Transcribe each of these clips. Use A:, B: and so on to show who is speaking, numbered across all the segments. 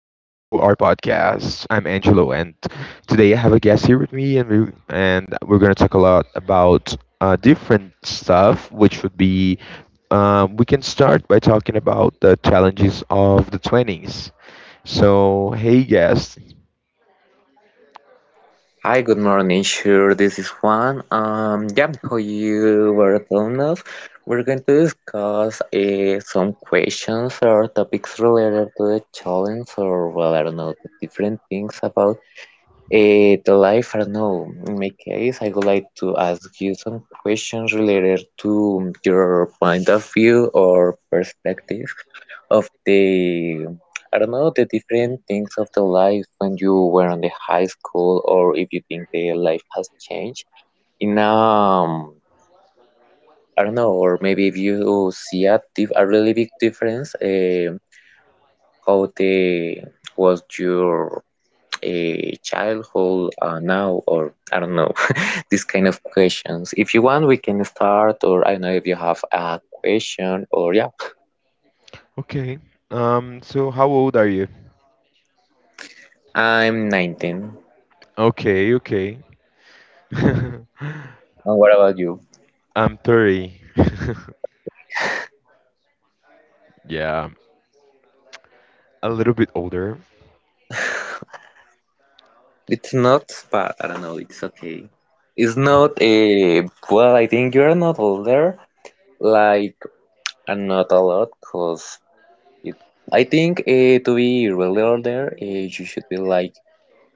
A: our podcast. I'm Angelo, and today I have a guest here with me, and we're gonna talk a lot about different stuff, which would be we can start by talking about the challenges of the twenties. So, hey, guest.
B: Hi, good morning. Sure, this is Juan. Yeah, how you were telling us, we're going to discuss some questions or topics related to the challenge, or well, I don't know, the different things about the life, I don't know. In my case, I would like to ask you some questions related to your point of view or perspective of the, I don't know, the different things of the life when you were in the high school, or if you think the life has changed in I don't know, or maybe if you see a, a really big difference, how the was your a childhood now or I don't know this kind of questions. If you want, we can start, or I don't know if you have a question, or yeah,
A: Okay. So, how old are you?
B: I'm 19.
A: Okay. Okay.
B: And what about you?
A: I'm 30.
B: Okay,
A: Yeah, a little bit older.
B: it's not, but I don't know, it's okay. It's not a well, I think you're not older, like, and not a lot, because I think to be really older, you should be like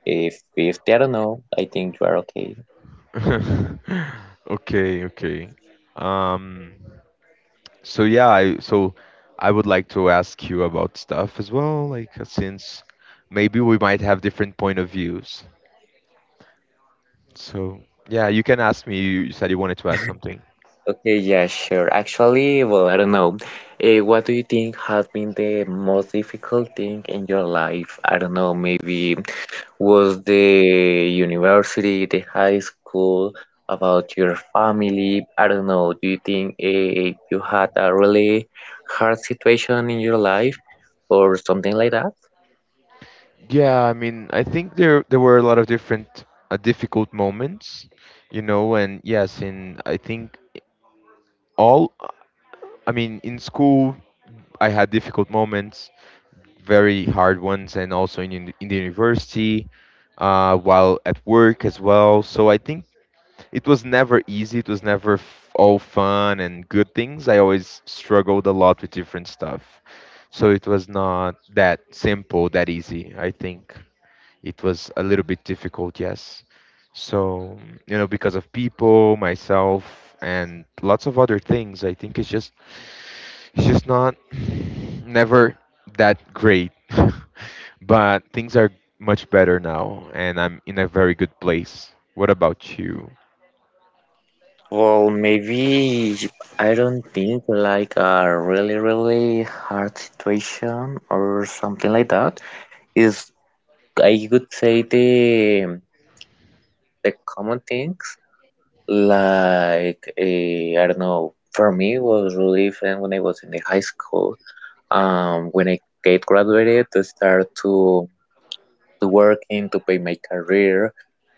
B: uh, 50. I don't know, I think you are okay.
A: Okay, okay. Um, so yeah, I would like to ask you about stuff as well, like since maybe we might have different point of views. So yeah, you can ask me. You said you wanted to ask something.
B: Okay, yeah, sure. Actually, well, I don't know. What do you think has been the most difficult thing in your life? I don't know, maybe was the university, the high school, about your family? I don't know. Do you think you had a really hard situation in your life or something like that?
A: Yeah, I mean, I think there were a lot of different difficult moments, you know, and yes, in I think all, I mean, in school I had difficult moments, very hard ones, and also in the university, while at work as well. So I think it was never easy. It was never all fun and good things. I always struggled a lot with different stuff. So it was not that simple, that easy. I think it was a little bit difficult, yes. So, you know, because of people, myself, and lots of other things, I think it's just She's not never that great, but things are much better now, and I'm in a very good place. What about you?
B: Well, maybe I don't think like a really, really hard situation or something like that. Is I could say the common things like I don't know. For me, it was really different when I was in the high school. When I get graduated, to start to working to pay my career,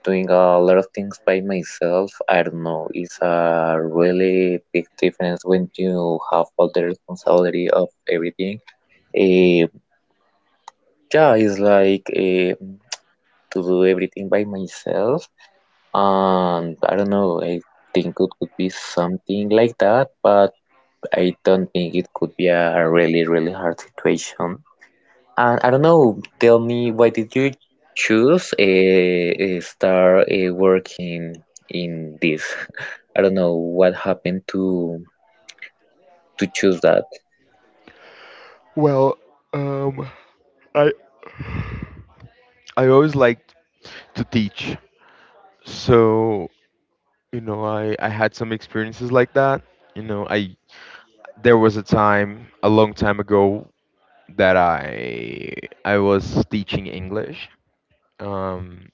B: doing a lot of things by myself. I don't know. It's a really big difference when you have all the responsibility of everything. Eh, yeah, it's like to do everything by myself. And I don't know. I think it could be something like that, but I don't think it could be a really, really hard situation. And I don't know. Tell me, why did you choose a, start working in this? I don't know what happened to choose that.
A: Well, um, I I always liked to teach. So, you know, I had some experiences like that. You know, I there was a time a long time ago that I was teaching English. Um,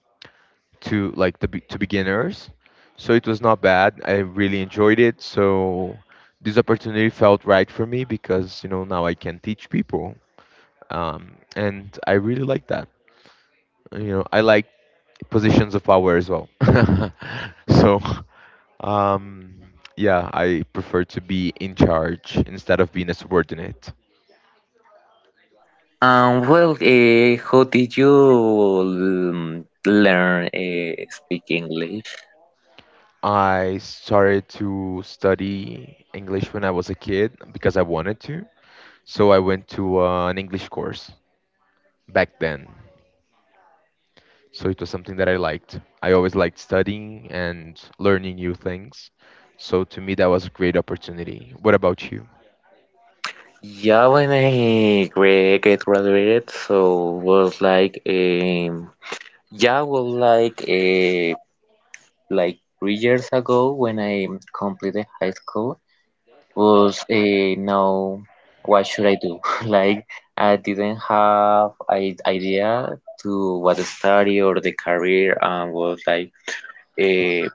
A: to like to beginners. So it was not bad. I really enjoyed it. So this opportunity felt right for me because you know now I can teach people, and I really like that. You know, I like positions of power as well. so um, yeah, I prefer to be in charge instead of being a subordinate.
B: Well, how did you learn speak English?
A: I started to study English when I was a kid because I wanted to. So I went to an English course back then. So it was something that I liked. I always liked studying and learning new things. So to me, that was a great opportunity. What about you?
B: Yeah, when I get graduated, so was like yeah, was like 3 years ago when I completed high school was now what should I do? Like I didn't have an idea to what to study or the career and was like uh,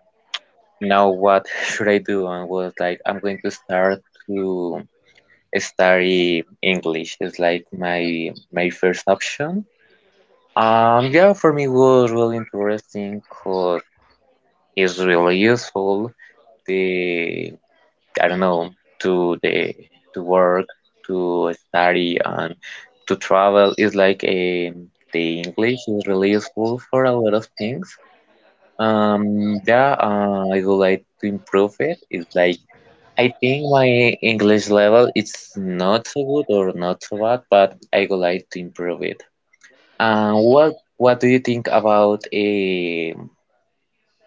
B: now what should I do? And was like I'm going to start to study English. It's like my first option. Yeah, for me it was really interesting because it's really useful. The I don't know to the to work, to study, and to travel. It's like a the English is really useful for a lot of things. Yeah, I would like to improve it. It's like I think my English level is not so good or not so bad, but I would like to improve it. What do you think about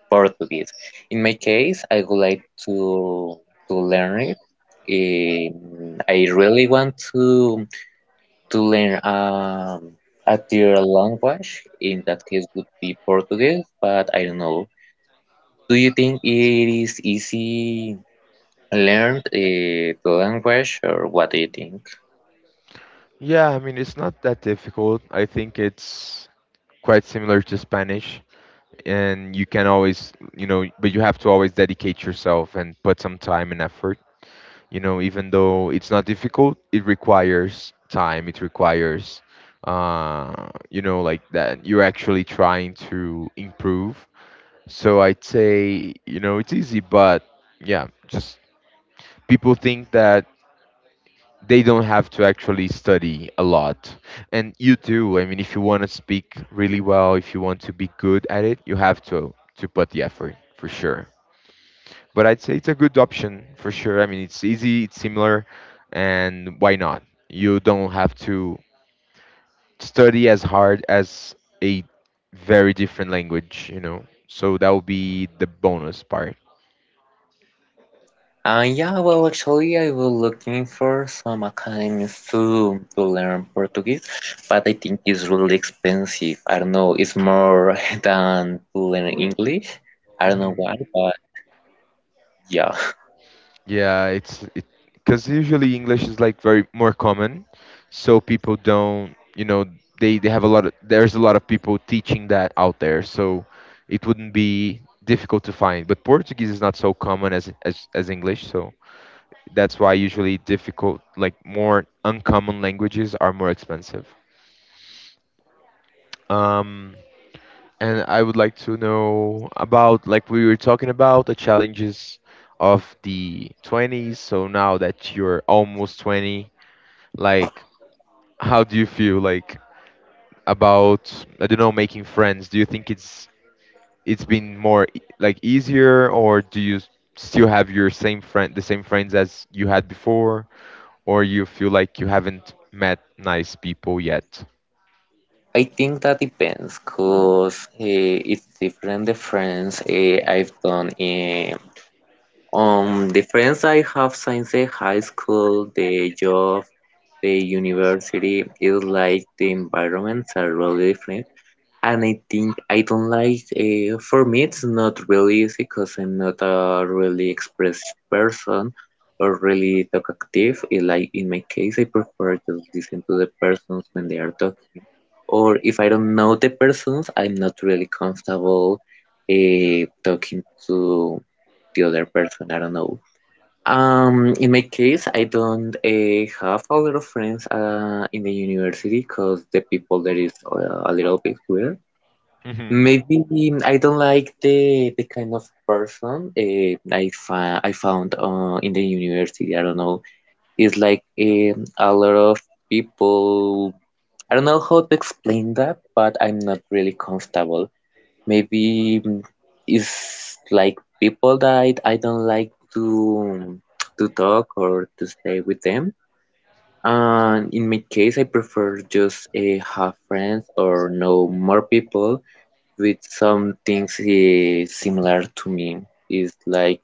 B: Portuguese? In my case, I would like to to learn it. I really want to learn a third language. In that case, would be Portuguese, but I don't know. Do you think it is easy learned the language or what do you think?
A: Yeah, I mean, it's not that difficult. I think it's quite similar to Spanish, and you can always, you know, but you have to always dedicate yourself and put some time and effort. You know, even though it's not difficult, it requires time, it requires, you know, like that you're actually trying to improve. So I'd say, you know, it's easy, but yeah, just people think that they don't have to actually study a lot. And you do. I mean, if you want to speak really well, if you want to be good at it, you have to put the effort for sure. But I'd say it's a good option for sure. I mean, it's easy, it's similar, and why not? You don't have to study as hard as a very different language, you know. So that would be the bonus part.
B: Yeah, well, actually, I was looking for some academies to learn Portuguese, but I think it's really expensive. I don't know, it's more than to learn English. I don't know
A: Mhm.
B: why, but yeah,
A: Yeah, it's it because usually English is like very more common, so people don't, you know, they have a lot of there's a lot of people teaching that out there, so it wouldn't be difficult to find. But Portuguese is not so common as English, so that's why usually difficult like more uncommon languages are more expensive. Um, and I would like to know about, like, we were talking about the challenges of the 20s. So now that you're almost 20, like, how do you feel like about, I don't know, making friends? Do you think it's been more like easier, or do you still have your same friend the same friends as you had before, or you feel like you haven't met nice people yet?
B: I think that depends because it's different. The friends I've done, the friends I have since the high school, the job, The university is like the environments are really different, and I think I don't like. For me, it's not really easy because I'm not a really expressive person or really talkative. It, like in my case, I prefer just listen to the persons when they are talking, or if I don't know the persons, I'm not really comfortable talking to the other person. I don't know. In my case, I don't have a lot of friends in the university because the people there is a little bit weird. Maybe I don't like the kind of person I fa I found in the university. I don't know. It's like a lot of people. I don't know how to explain that, but I'm not really comfortable maybe it's like people that I don't like to talk or to stay with them. And in my case, I prefer just have friends or know more people with some things similar to me. It's like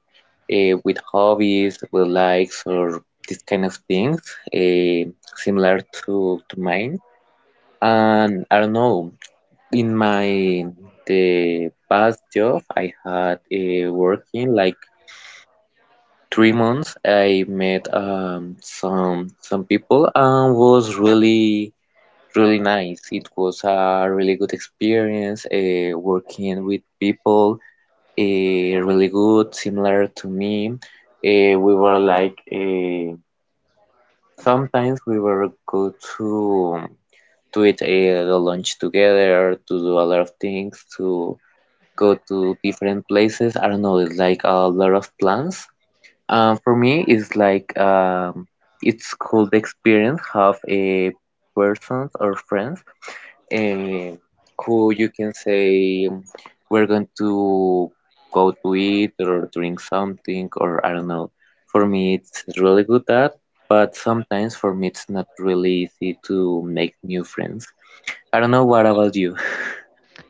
B: with hobbies, with likes, or these kind of things, uh, similar to mine. And I don't know, in my the past job I had working like 3 months I met some people and was really really nice. It was a really good experience working with people uh, really good similar to me. We were like sometimes we were go to eat the lunch together to do a lot of things to go to different places. I don't know, it's like a lot of plans. For me, it's like it's cool the experience have a persons or friends um, who you can say we're going to go to eat or drink something or I don't know. For me, it's really good that, but sometimes for me it's not really easy to make new friends. I don't know what about you.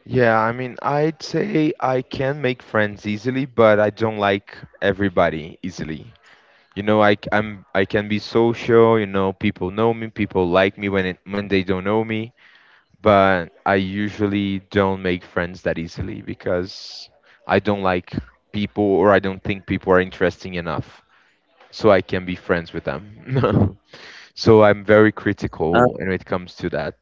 A: Yeah, I mean, I'd say I can make friends easily, but I don't like everybody easily. You know, I can be social, you know, people know me, people like me when when they don't know me, but I usually don't make friends that easily because I don't like people, or I don't think people are interesting enough so I can be friends with them. So I'm very critical when it comes to that.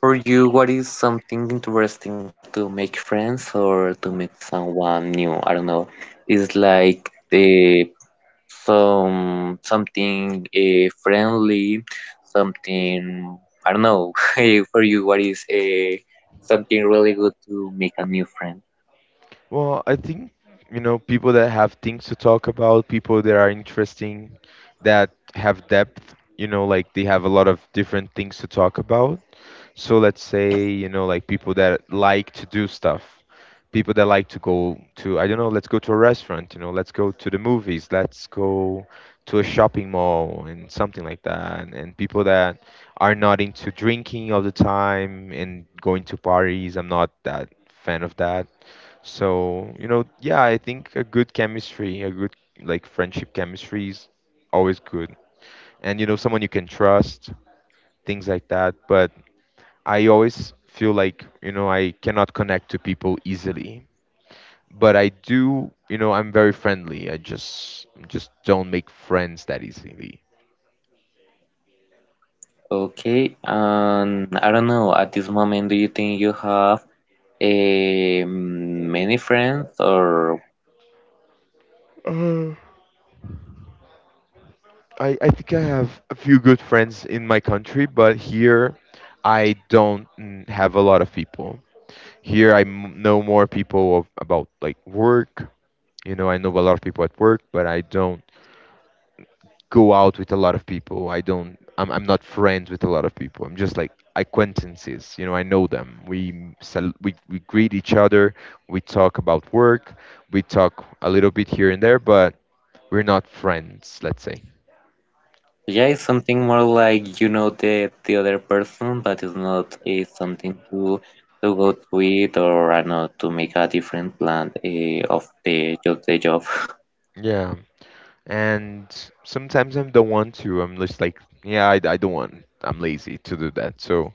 B: For you, what is something interesting to make friends or to meet someone new? I don't know. It's like the some something friendly, something I don't know. For you, what is something really good to make a new friend?
A: Well, I think, you know, people that have things to talk about, people that are interesting, that have depth, you know, like they have a lot of different things to talk about. So let's say, you know, like people that like to do stuff, people that like to go to, I don't know, let's go to a restaurant, you know, let's go to the movies, let's go to a shopping mall and something like that. And people that are not into drinking all the time and going to parties, I'm not that fan of that, so, you know, yeah, I think a good chemistry, a good like friendship chemistry is always good. And you know, someone you can trust, things like that. But I always feel like, you know, I cannot connect to people easily. But I do, you know, I'm very friendly. I just don't make friends that easily.
B: Okay, and I don't know, at this moment, do you think you have many friends or
A: Uh, I think I have a few good friends in my country, but here I don't mm, have a lot of people. Here I know more people of, about like work. You know, I know a lot of people at work, but I don't go out with a lot of people. I don't. I'm not friends with a lot of people. I'm just like acquaintances. You know, I know them. We we greet each other. We talk about work. We talk a little bit here and there, but we're not friends. Let's say.
B: Yeah, it's something more like you know the other person, but it's not it's something to go to it or I know to make a different plan of the job the job.
A: Yeah. And sometimes I don't want to. I'm just like, yeah, I don't want. I'm lazy to do that. So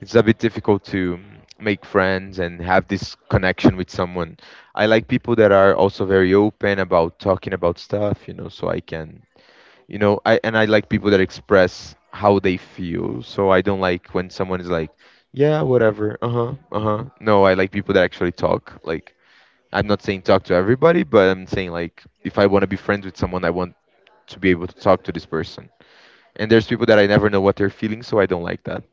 A: it's a bit difficult to make friends and have this connection with someone. I like people that are also very open about talking about stuff, you know, so I can, you know, I like people that express how they feel. So I don't like when someone is like, yeah, whatever, uh-huh, uh-huh. No, I like people that actually talk. Like, I'm not saying talk to everybody, but I'm saying like if I want to be friends with someone, I want to be able to talk to this person. And there's people that I never know what they're feeling, so I don't like that.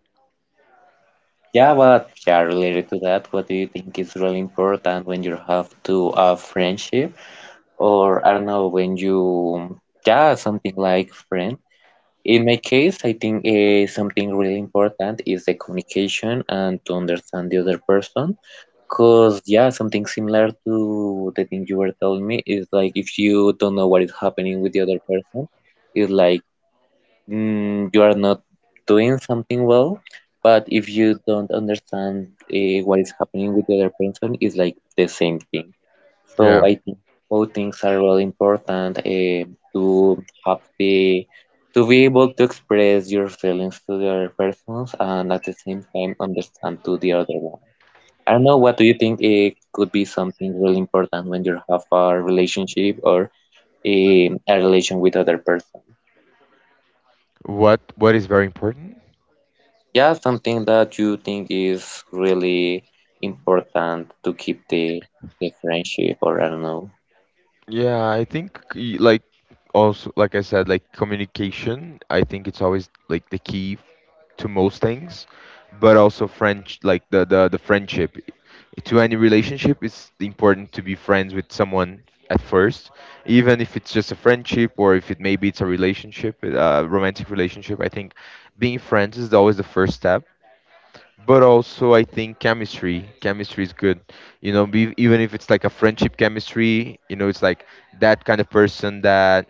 B: Yeah, but yeah, related to that, what do you think is really important when you have to a friendship or I don't know when you yeah something like friend. In my case, I think something really important is the communication and to understand the other person. Cause yeah, something similar to the thing you were telling me is like if you don't know what is happening with the other person, it's like you are not doing something well. But if you don't understand what is happening with the other person, it's like the same thing. So I think both things are really important to have the to be able to express your feelings to the other persons and at the same time understand to the other one. I don't know, what do you think it could be something really important when you have a relationship or a relation with other person?
A: What is very important?
B: Yeah, something that you think is really important to keep the friendship or I don't know.
A: Yeah, I think like, also like I said, like communication, I think it's always like the key to most things, but also French like the friendship, to any relationship it's important to be friends with someone at first, even if it's just a friendship, or if it maybe it's a relationship, a romantic relationship, I think being friends is always the first step. But also I think chemistry. Chemistry is good. You know, even if it's like a friendship chemistry, you know, it's like that kind of person that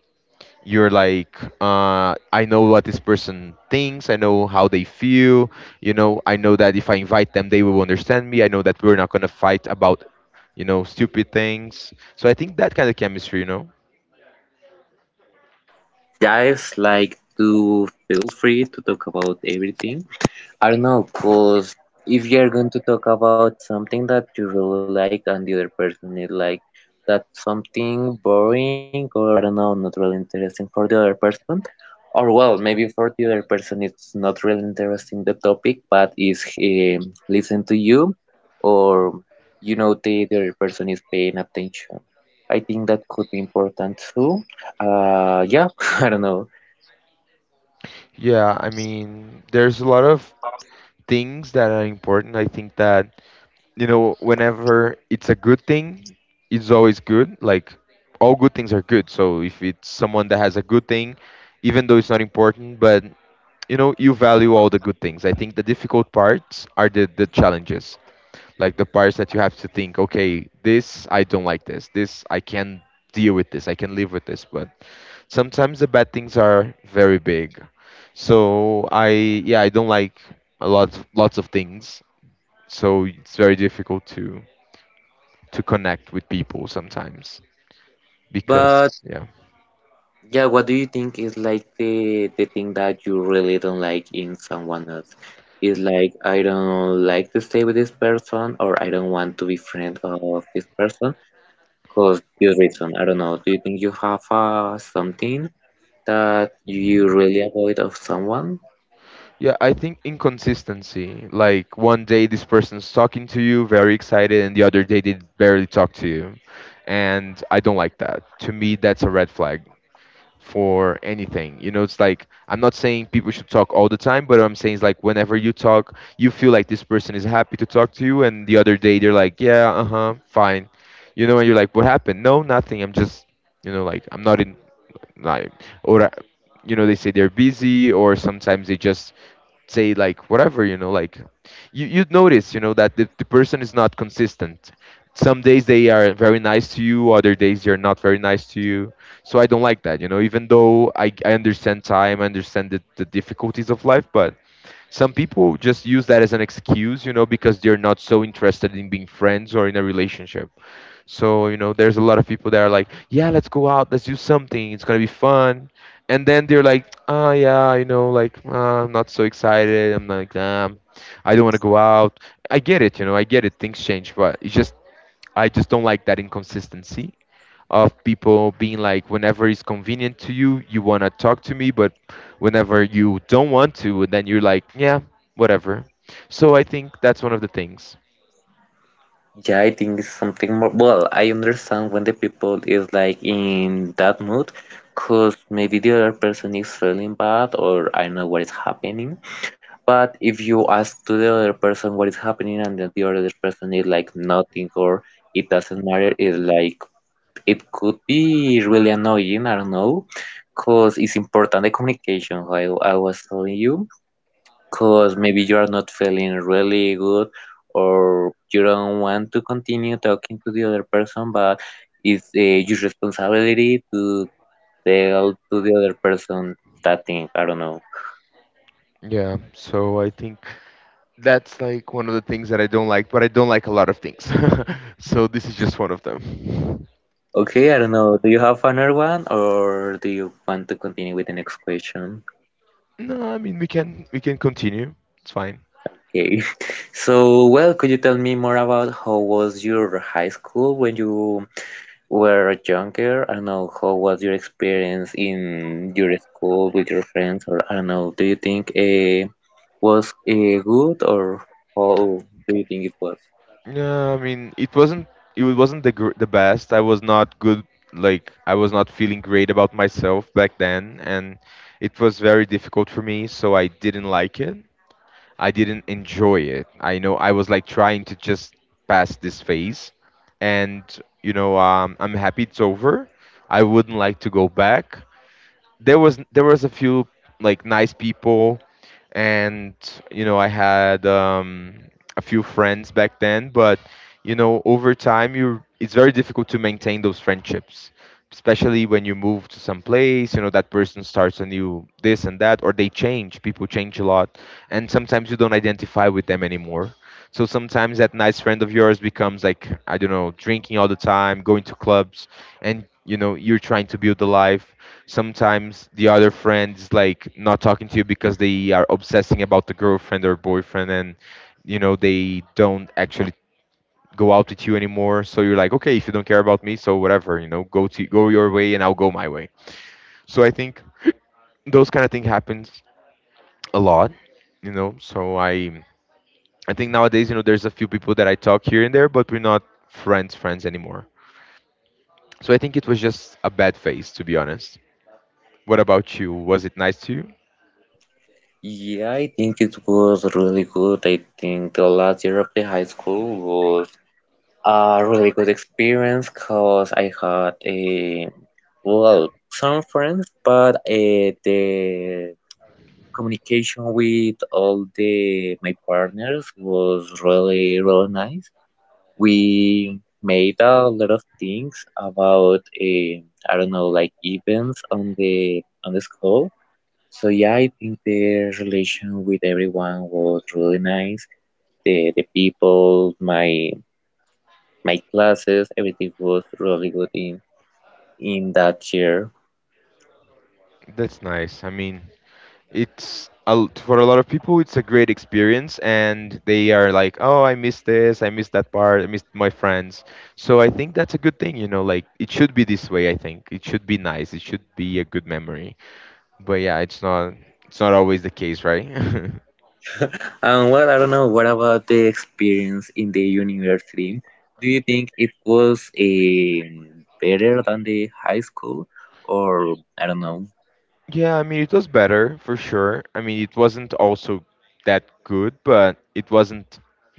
A: you're like, I know what this person thinks. I know how they feel. You know, I know that if I invite them, they will understand me. I know that we're not gonna fight about, you know, stupid things. So I think that kind of chemistry, you know.
B: Guys, like to feel free to talk about everything. I don't know, cause if you're going to talk about something that you really like and the other person is like that's something boring or I don't know, not really interesting for the other person. Or well, maybe for the other person it's not really interesting the topic, but is listen to you or you know the other person is paying attention. I think that could be important too. Yeah, I don't know.
A: Yeah, I mean, there's a lot of things that are important. I think that, you know, whenever it's a good thing, it's always good. Like all good things are good. So if it's someone that has a good thing, even though it's not important, but you know, you value all the good things. I think the difficult parts are the challenges, like the parts that you have to think, okay, this I don't like this. I can deal with this. I can live with this. But sometimes the bad things are very big. So I yeah, I don't like a lot lots of things. So it's very difficult to connect with people sometimes
B: But
A: because,
B: yeah, what do you think is like the thing that you really don't like in someone else? Is like I don't like to stay with this person or I don't want to be friend of this person because this reason. I don't know. Do you think you have something that you really avoid of someone?
A: yeah, I think inconsistency. Like one day this person's talking to you very excited, and the other day they barely talk to you, and I don't like that. To me, that's a red flag for anything, you know. It's like I'm not saying people should talk all the time, but what I'm saying is, like, whenever you talk, you feel like this person is happy to talk to you, and the other day they're like, yeah, uh-huh, fine. You know, and you're like, what happened? No, nothing. I'm just, you know, like, I'm not in, like or you know, they say they're busy, or sometimes they just say like whatever, you know. Like you'd notice, you know, that the person is not consistent. Some days they are very nice to you, other days they're not very nice to you. So I don't like that, you know. Even though I understand time, I understand the difficulties of life, but some people just use that as an excuse, you know, because they're not so interested in being friends or in a relationship. So, you know, there's a lot of people that are like, yeah, let's go out, let's do something, it's gonna be fun. And then they're like, oh, yeah, you know, like, I'm not so excited. I'm like, I don't wanna go out. I get it, you know, I get it, things change, but it's just, I just don't like that inconsistency of people being like, whenever it's convenient to you, you wanna talk to me, but whenever you don't want to, then you're like, yeah, whatever. So I think that's one of the things.
B: Yeah, I think it's something more. Well, I understand when the people is like in that mood because maybe the other person is feeling bad or I know what is happening. But if you ask to the other person what is happening and then the other person is like nothing or it doesn't matter, it's like it could be really annoying, I don't know, because it's important the communication, like I was telling you, because maybe you are not feeling really good or you don't want to continue talking to the other person, but it's your responsibility to tell to the other person that thing, I don't know.
A: Yeah, so I think that's like one of the things that I don't like, but I don't like a lot of things. So this is just one of them.
B: Okay, I don't know. Do you have another one or do you want to continue with the next question?
A: No, I mean, we can continue. It's fine.
B: Okay. So, well, could you tell me more about how was your high school when you were younger? I don't know, how was your experience in your school with your friends or I don't know, do you think was good or how do you think it was?
A: No, I mean, it wasn't, it wasn't the the best. I was not good. Like, I was not feeling great about myself back then, and it was very difficult for me. So I didn't like it. I didn't enjoy it. I know I was like trying to just pass this phase, and you know, I'm happy it's over. I wouldn't like to go back. There was there was a few like nice people, and you know, I had, a few friends back then. But you know, over time you, it's very difficult to maintain those friendships, especially when you move to some place, you know, that person starts a new this and that, or they change, people change a lot, and sometimes you don't identify with them anymore. So sometimes that nice friend of yours becomes like, I don't know, drinking all the time, going to clubs, and you know, you're trying to build a life. Sometimes the other friend is like not talking to you because they are obsessing about the girlfriend or boyfriend, and you know, they don't actually go out with you anymore. So you're like, okay, if you don't care about me, so whatever, you know, go your way and I'll go my way. So I think those kind of thing happens a lot, you know. So I think nowadays, you know, there's a few people that I talk here and there, but we're not friends friends anymore. So I think it was just a bad phase, to be honest. What about you? Was it nice to you?
B: Yeah, I think it was really good. I think the last year of the high school a really good experience because I had a well some friends, but the communication with all the my partners was really really nice. We made a lot of things about I don't know like events on the school. So yeah, I think the relation with everyone was really nice. The people, my classes, everything was really good in that year.
A: That's nice. I mean, it's a l for a lot of people it's a great experience, and they are like, oh, I missed this, I missed that part, I missed my friends. So I think that's a good thing, you know, like it should be this way. I think it should be nice, it should be a good memory. But yeah, it's not, it's not always the case, right?
B: And well, I don't know, what about the experience in the university? Do you think it was a better than the high school, or I don't know?
A: Yeah, I mean, it was better for sure. I mean, it wasn't also that good, but it wasn't,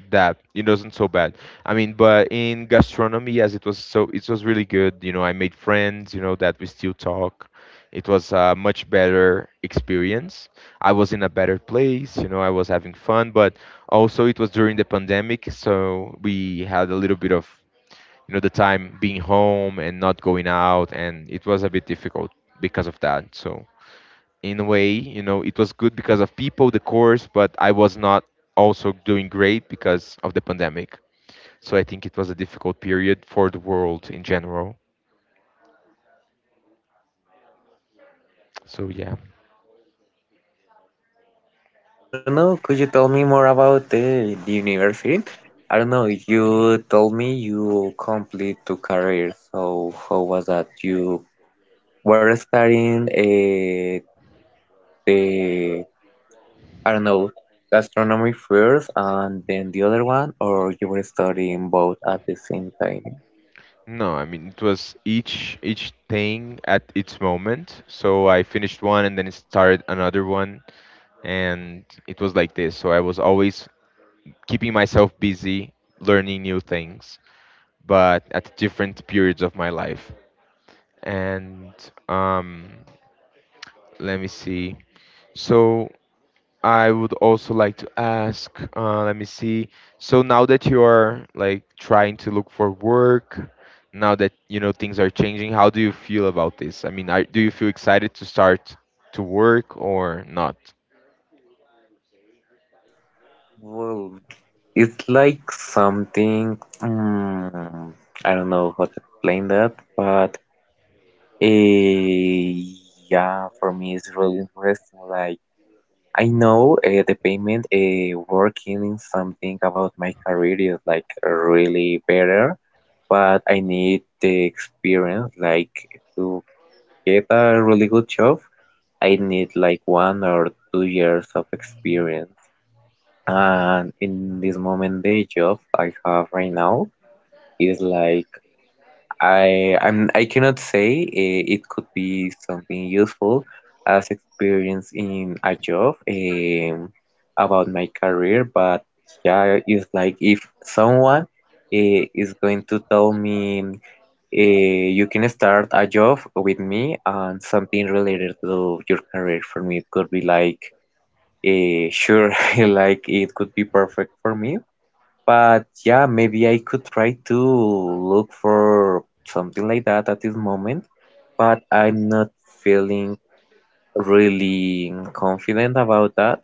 A: that it wasn't so bad. I mean, but in gastronomy, yes, it was, so it was really good. You know, I made friends, you know, that we still talk. It was a much better experience. I was in a better place, you know, I was having fun, but also it was during the pandemic, so we had a little bit of, you know, the time being home and not going out, and it was a bit difficult because of that. So in a way, you know, it was good because of people, the course, but I was not also doing great because of the pandemic. So I think it was a difficult period for the world in general. So yeah.
B: And I don't know, could you tell me more about the university? I don't know, you told me you complete two careers, so how was that? You were studying the I don't know, astronomy first and then the other one, or you were studying both at the same time?
A: No, I mean, it was each thing at its moment. So I finished one and then started another one, and it was like this. So I was always keeping myself busy, learning new things, but at different periods of my life. And um, let me see. So I would also like to ask, let me see. So now that you are like trying to look for work, now that you know things are changing, how do you feel about this? I mean, do you feel excited to start to work or not?
B: Well, it's like something, I don't know how to explain that, but eh, yeah, for me it's really interesting. Like, I know the payment working in something about my career is like really better, but I need the experience, like to get a really good job. I need like 1 or 2 years of experience. And in this moment, the job I have right now is like I cannot say it could be something useful as experience in a job about my career, but yeah, it's like if someone is going to tell me, eh, you can start a job with me and something related to your career. For me it could be like sure, like it could be perfect for me, but yeah, maybe I could try to look for something like that at this moment, but I'm not feeling really confident about that.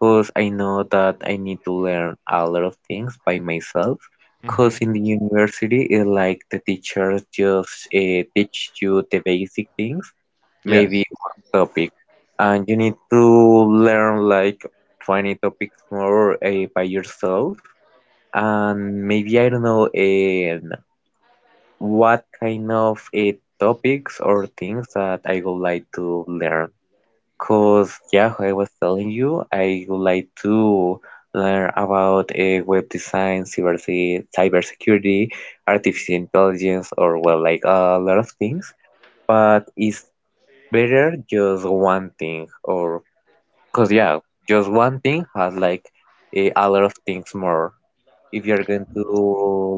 B: Cause I know that I need to learn a lot of things by myself.
A: Hmm.
B: Cause in the university, it like the teachers just teach you the basic things,
A: Yes.
B: maybe one topic, and you need to learn like 20 topics more by yourself. And maybe I don't know what kind of topics or things that I would like to learn. Cause yeah, I was telling you, I would like to learn about web design, cybersecurity, artificial intelligence, or well, like a lot of things. But it's better just one thing, or cause yeah, just one thing has like a lot of things more. If you're going to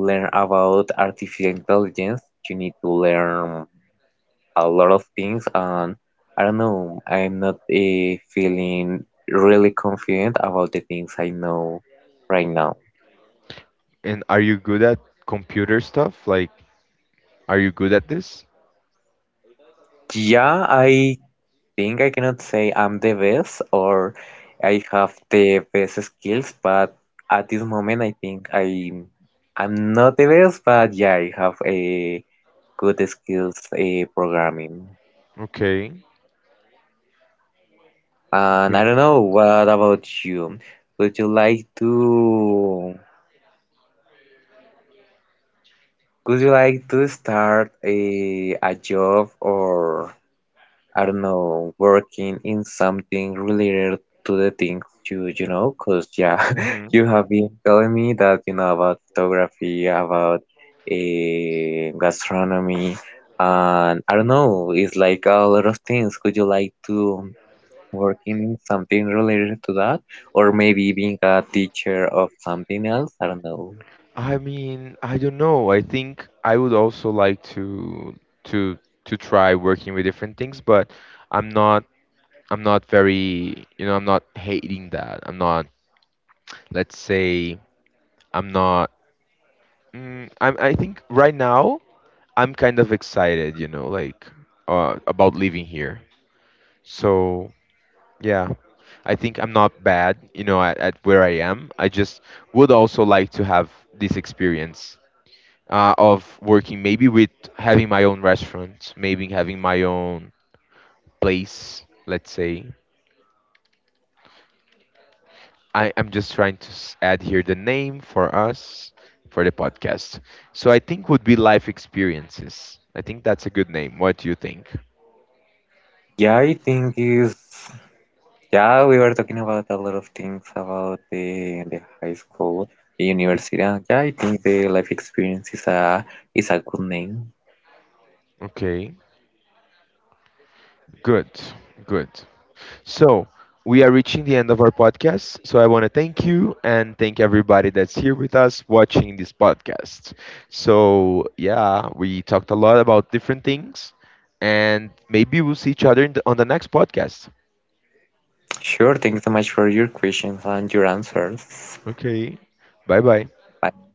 B: learn about artificial intelligence, you need to learn a lot of things, and I don't know, I'm not feeling really confident about the things I know right now.
A: And are you good at computer stuff? Like, are you good at this?
B: Yeah, I think I cannot say I'm the best or I have the best skills, but at this moment I think I'm not the best, but yeah, I have a good skills programming.
A: Okay.
B: And I don't know, what about you? Would you like to Would you like to start a job or, I don't know, working in something related to the things you know? Because, yeah,
A: Okay.
B: you have been telling me that you know about photography, about gastronomy, and I don't know, it's like a lot of things. Would you like to working in something related to that? Or maybe being a teacher of something else? I don't know.
A: I mean, I don't know. I think I would also like to to to try working with different things, but I'm not, I'm not very, you know, I'm not hating that. I'm not, let's say, I'm not mm, I'm, I think right now I'm kind of excited, you know, like, about living here. So, yeah. I think I'm not bad, you know, at where I am. I just would also like to have this experience of working, maybe with having my own restaurant, maybe having my own place, let's say. I am just trying to add here the name for us for the podcast. So I think would be life experiences. I think that's a good name. What do you think?
B: Yeah, I think is. Yeah, we were talking about a lot of things about the high school, the university, and yeah, I think the life experience is a good name.
A: Okay, good, good. So we are reaching the end of our podcast. So I want to thank you and thank everybody that's here with us watching this podcast. So yeah, we talked a lot about different things, and maybe we'll see each other in on the next podcast.
B: Sure, thanks so much for your questions and your answers.
A: Okay, bye bye.
B: Bye.